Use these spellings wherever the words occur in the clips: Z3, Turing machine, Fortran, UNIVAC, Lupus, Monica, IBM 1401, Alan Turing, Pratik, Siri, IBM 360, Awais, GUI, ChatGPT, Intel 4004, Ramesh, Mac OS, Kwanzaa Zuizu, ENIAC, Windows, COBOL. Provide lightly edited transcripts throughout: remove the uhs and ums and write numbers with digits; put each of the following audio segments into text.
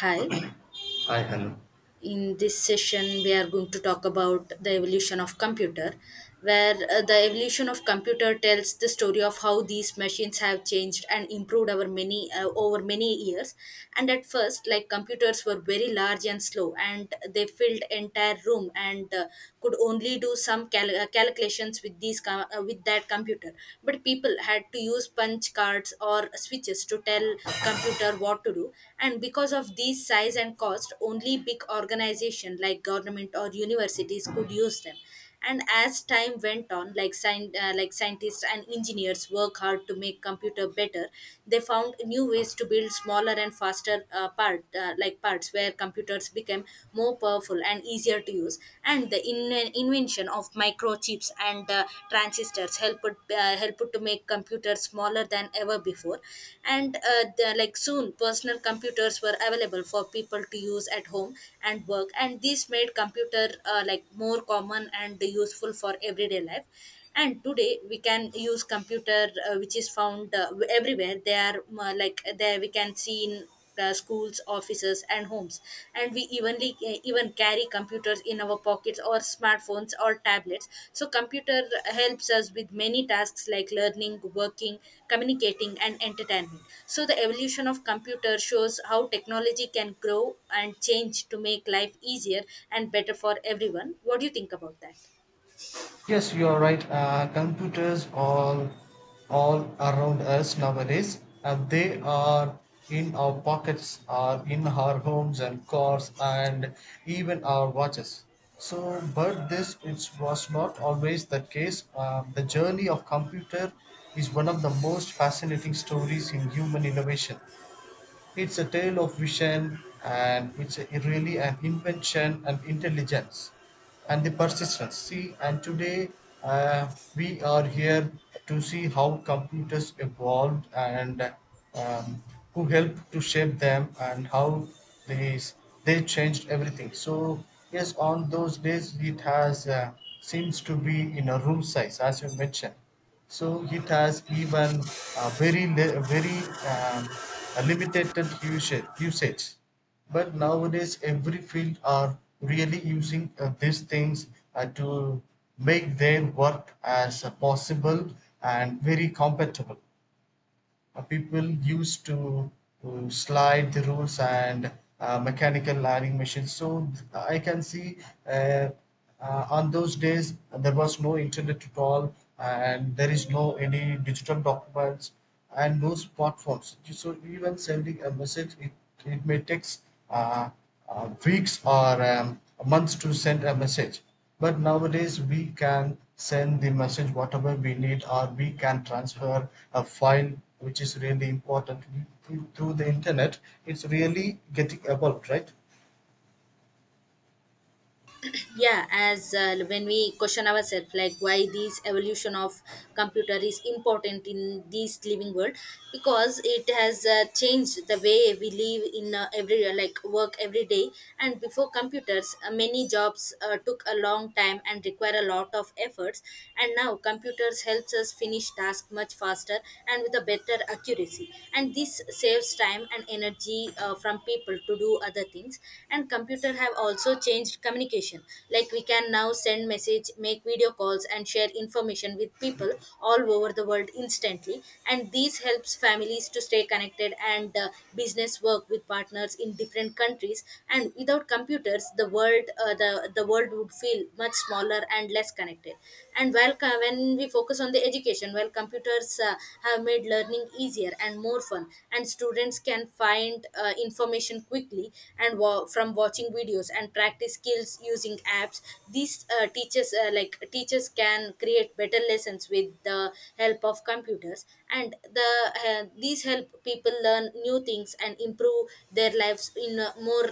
Hi, Hi, hello. in this session, we are going to talk about the evolution of computer, where the evolution of computer tells the story of how these machines have changed and improved over many years. And at first, like computers were very large and slow, and they filled entire room and could only do some calculations with with that computer. But people had to use punch cards or switches to tell computer what to do, and because of these size and cost only big organization like government or universities could use them. And as time went on, like like scientists and engineers work hard to make computer better. They found new ways to build smaller and faster part like parts, where computers became more powerful and easier to use. And the invention of microchips and transistors helped to make computers smaller than ever before. And, like soon personal computers were available for people to use at home and work, and this made computer like more common and useful for everyday life. And today we can use computer, which is found everywhere. They are like there, we can see in schools, offices, and homes. And we even carry computers in our pockets, or smartphones or tablets. So computer helps us with many tasks like learning, working, communicating, and entertainment. So the evolution of computer shows how technology can grow and change to make life easier and better for everyone. What do you think about that? Yes, you are right. Computers all around us nowadays. They are in our pockets, are in our homes and cars, and even our watches. So, but this it was not always the case. The journey of computer is one of the most fascinating stories in human innovation. It's a tale of vision and really an invention and intelligence and the persistence. See, and today we are here to see how computers evolved and um, who helped to shape them and how they, they changed everything. So, yes, on those days it has seems to be in a room size as you mentioned, so it has even a very li- very a limited usage. But nowadays, every field are really using these things to make their work as possible and very compatible. People used to slide the rules and mechanical ironing machines. I can see uh, on those days there was no internet at all, and there is no any digital documents and no smartphones. So even sending a message, it may take uh, weeks or months to send a message. But nowadays we can send the message whatever we need, or we can transfer a file which is really important through the internet. It's really getting about, right? Yeah, as when we question ourselves like why this evolution of computer is important in this living world, because it has changed the way we live in, every like work every day. And before computers, many jobs took a long time and require a lot of efforts, and now computers helps us finish tasks much faster and with a better accuracy, and this saves time and energy from people to do other things. And computer have also changed communication, like we can now send message, make video calls, and share information with people all over the world instantly. And this helps families to stay connected, and business work with partners in different countries. And without computers, the world would feel much smaller and less connected. And when we focus on the education, while computers have made learning easier and more fun, and students can find information quickly and from watching videos and practice skills using apps. These teachers can create better lessons with the help of computers. And these help people learn new things and improve their lives in a more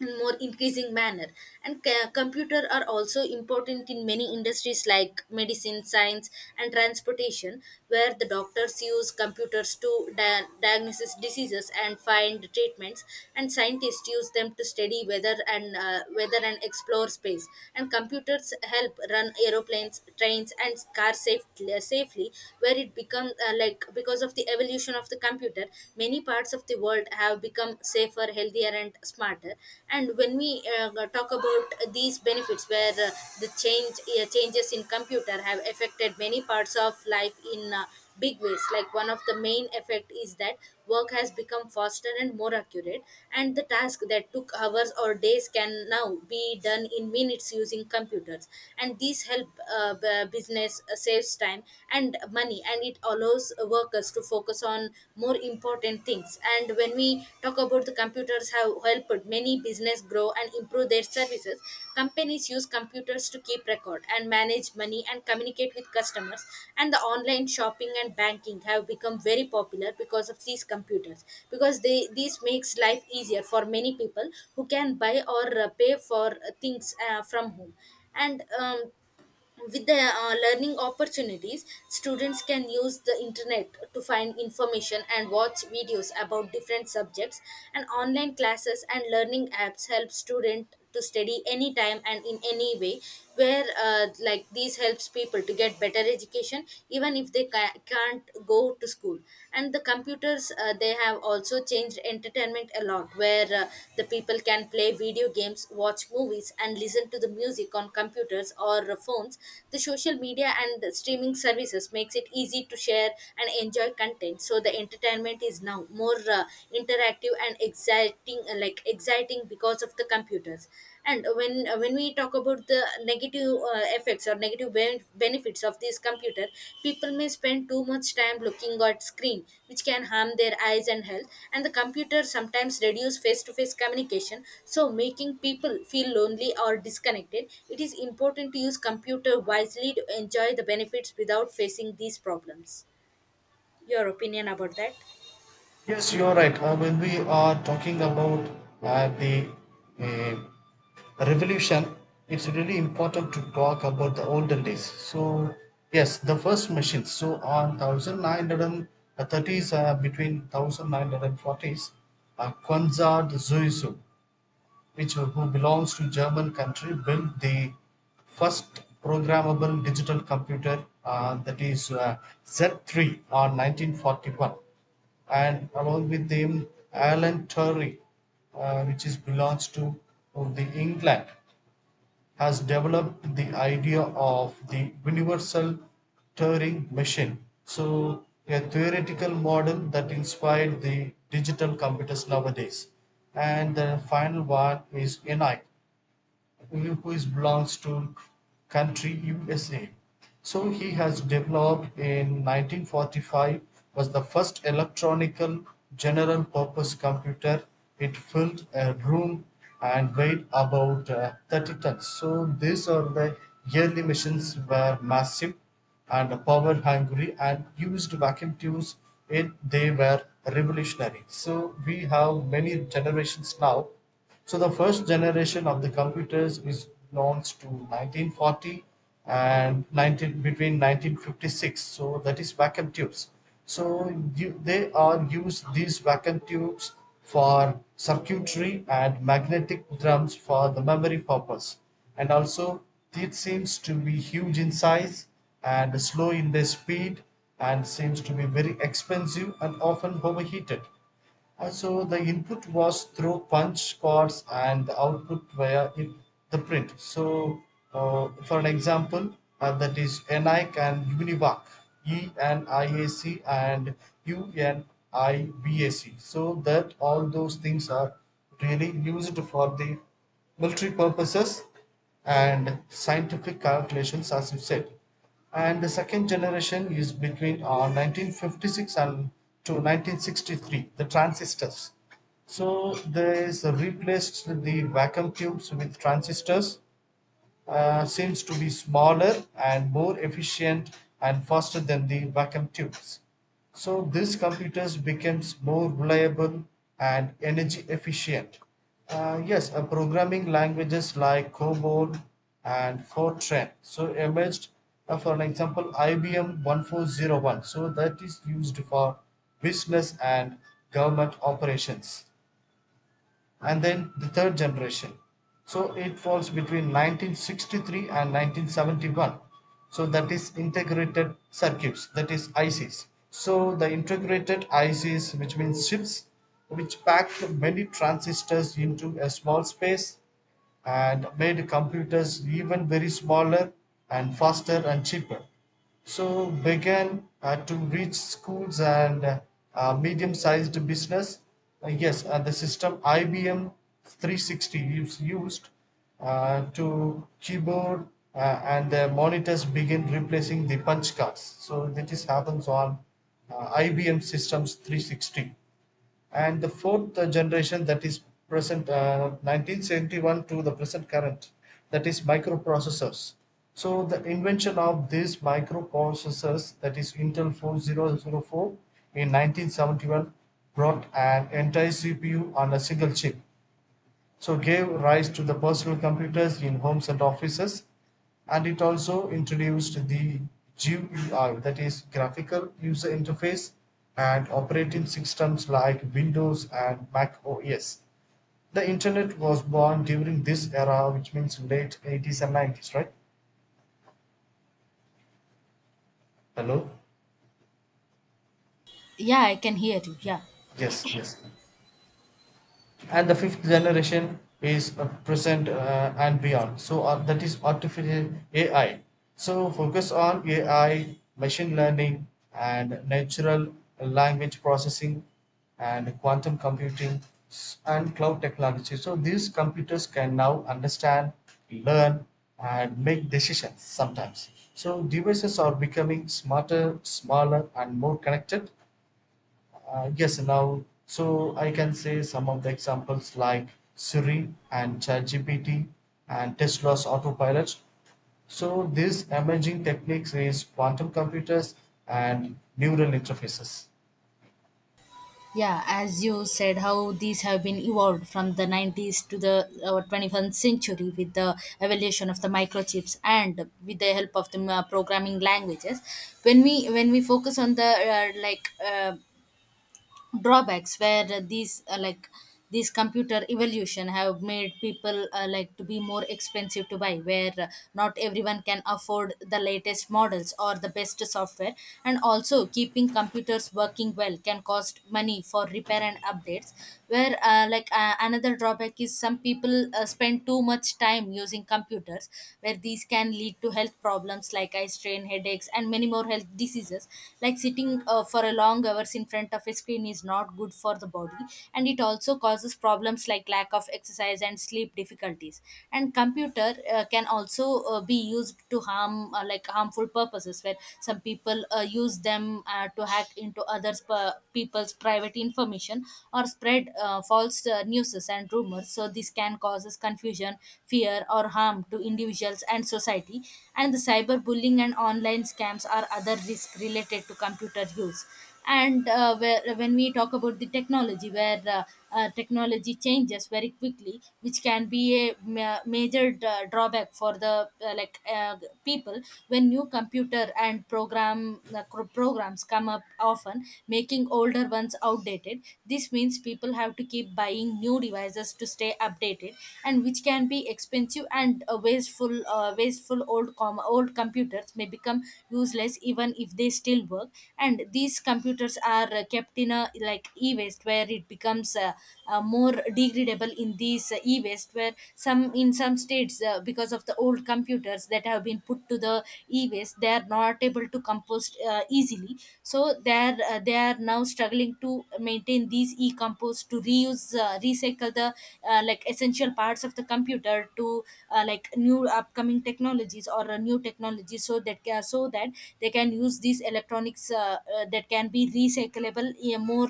in more increasing manner. And computer are also important in many industries like medicine, science, and transportation, where the doctors use computers to diagnose diseases and find treatments, and scientists use them to study weather and explore space. And computers help run aeroplanes, trains, and cars safely. Where it become like Because of the evolution of the computer, many parts of the world have become safer, healthier, and smarter. And when we talk about these benefits, where the change changes in computer have affected many parts of life in big ways. Like one of the main effect is that work has become faster and more accurate, and the task that took hours or days can now be done in minutes using computers. And these help business saves time and money, busy, and it allows workers to focus on more important things. And when we talk about the computers, have helped many business grow and improve their services, companies use computers to keep record and manage money and communicate with customers. And the online shopping and banking have become very popular because of these computers, because they this makes life easier for many people who can buy or pay for things from home. And with the learning opportunities, students can use the internet to find information and watch videos about different subjects. And online classes and learning apps help students to study anytime and in any way, where like these helps people to get better education even if they can't go to school. And the computers, they have also changed entertainment a lot, where the people can play video games, watch movies, and listen to the music on computers or phones. The social media and the streaming services makes it easy to share and enjoy content, so the entertainment is now more interactive and exciting because of the computers. And when we talk about the negative effects or negative benefits of this computer, people may spend too much time looking at screen, which can harm their eyes and health. And the computer sometimes reduce face to face communication, so making people feel lonely or disconnected. It is important to use computer wisely to enjoy the benefits without facing these problems. Your opinion about that? Yes, you're right. When we are talking about the uh, revolution, it's really important to talk about the olden days. So, yes, the first machines. So, on 1930s, between 1940s, Kwanzaa Zuizu, which who belongs to German country, built the first programmable digital computer that is Z3 on 1941, and along with him Alan Turing, which is belongs to the England, has developed the idea of the universal Turing machine, so a theoretical model that inspired the digital computers nowadays. And the final one is ENIAC Lupus, belongs to country USA. So he has developed in 1945, was the first electronic general purpose computer. It filled a room and weighed about 30 tons. So these are the yearly machines, were massive and power hungry and used vacuum tubes. It, they were revolutionary. So we have many generations now. So the first generation of the computers is belongs to 1940 and 19 between 1956. So that is vacuum tubes. So they are used these vacuum tubes for circuitry and magnetic drums for the memory purpose. And also it seems to be huge in size and slow in their speed, and seems to be very expensive and often overheated. So the input was through punch cards and the output via the print. So for an example, that is ENIAC and UNIVAC, E and IAC and UNIVAC. So that all those things are really used for the military purposes and scientific calculations, as you said. And the second generation is between 1956 and to 1963, the transistors. So they replaced the vacuum tubes with transistors, seems to be smaller and more efficient and faster than the vacuum tubes. So these computers becomes more reliable and energy efficient. Yes, programming languages like COBOL and Fortran so emerged. For an example, IBM 1401. So that is used for business and government operations. And then the third generation. So it falls between 1963 and 1971. So that is integrated circuits, that is ICs. So the integrated ICs, which means chips, which pack many transistors into a small space, and made computers even very smaller and faster and cheaper. So began to reach schools and medium-sized business. Yes, the system IBM 360 is used to keyboard uh, and the monitors begin replacing the punch cards. So this happens on IBM systems 360. And the fourth generation, that is present, 1971 to the present current, that is microprocessors. So the invention of these microprocessors, that is intel 4004 in 1971, brought an entire cpu on a single chip, so gave rise to the personal computers in homes and offices. And it also introduced the GUI, that is graphical user interface, and operating systems like Windows and Mac OS. The internet was born during this era, which means late 80s and 90s, right? Hello? Yeah, I can hear you. Yeah. Yes, yes. And the fifth generation is present and beyond. So that is artificial ai. So focus on ai, machine learning and natural language processing and quantum computing and cloud technology. So these computers can now understand, learn and make decisions sometimes. So devices are becoming smarter, smaller and more connected. Yes, now, so I can say some of the examples like Siri and ChatGPT and Tesla's autopilot. So these emerging techniques is quantum computers and neural interfaces. Yeah, as you said how these have been evolved from the 90s to the 21st century with the evolution of the microchips and with the help of the programming languages. When we focus on the like drawbacks, where these computer evolution have made people like to be more expensive to buy, where not everyone can afford the latest models or the best software. And also keeping computers working well can cost money for repair and updates. Where another drawback is some people spend too much time using computers, where these can lead to health problems like eye strain, headaches, and many more health diseases. Like sitting for a long hours in front of a screen is not good for the body, and it also causes problems like lack of exercise and sleep difficulties. And computer can also be used to harm, like harmful purposes, where some people use them to hack into others', people's private information or spread false news sources and rumors, so this can cause confusion, fear, or harm to individuals and society. And the cyberbullying and online scams are other risks related to computer use. And when we talk about the technology, where technology changes very quickly, which can be a major drawback for the like people, when new computer and programs come up often, making older ones outdated. This means people have to keep buying new devices to stay updated, and which can be expensive and wasteful. Wasteful, old computers may become useless even if they still work. And these computers are kept in a, like, e-waste, where it becomes more degradable in these e-waste. Where some states, because of the old computers that have been put to the e-waste, they are not able to compost easily. So they are now struggling to maintain these e-compost to reuse, recycle the like essential parts of the computer to like new upcoming technologies or a new technology, so that so that they can use these electronics, that can be recyclable in a more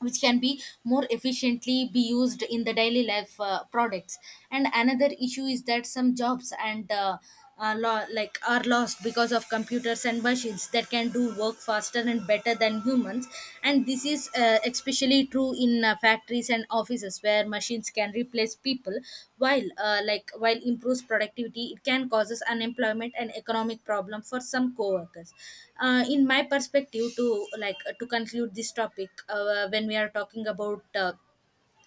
which can be more efficiently be used in the daily life products. And another issue is that some jobs, and like are lost because of computers and machines that can do work faster and better than humans. And this is especially true do in factories and offices, where machines can replace people. While improves productivity, it can causes unemployment and economic problem for some co-workers. In my perspective, to, like, to conclude this topic, when we are talking about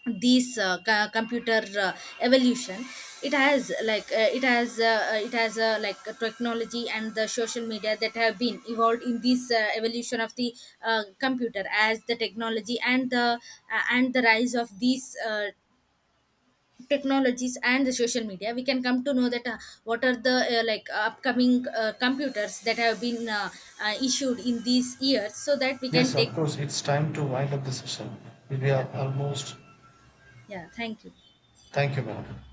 this computer evolution, it has technology and the social media that have been evolved in this evolution of the computer. As the technology and the rise of these technologies and the social media, we can come to know that, what are the like upcoming computers that have been issued in these years, so that we can Yes, take. of course, it's time to wind up the session. We Yeah, are almost. yeah, thank you. Thank you, madam.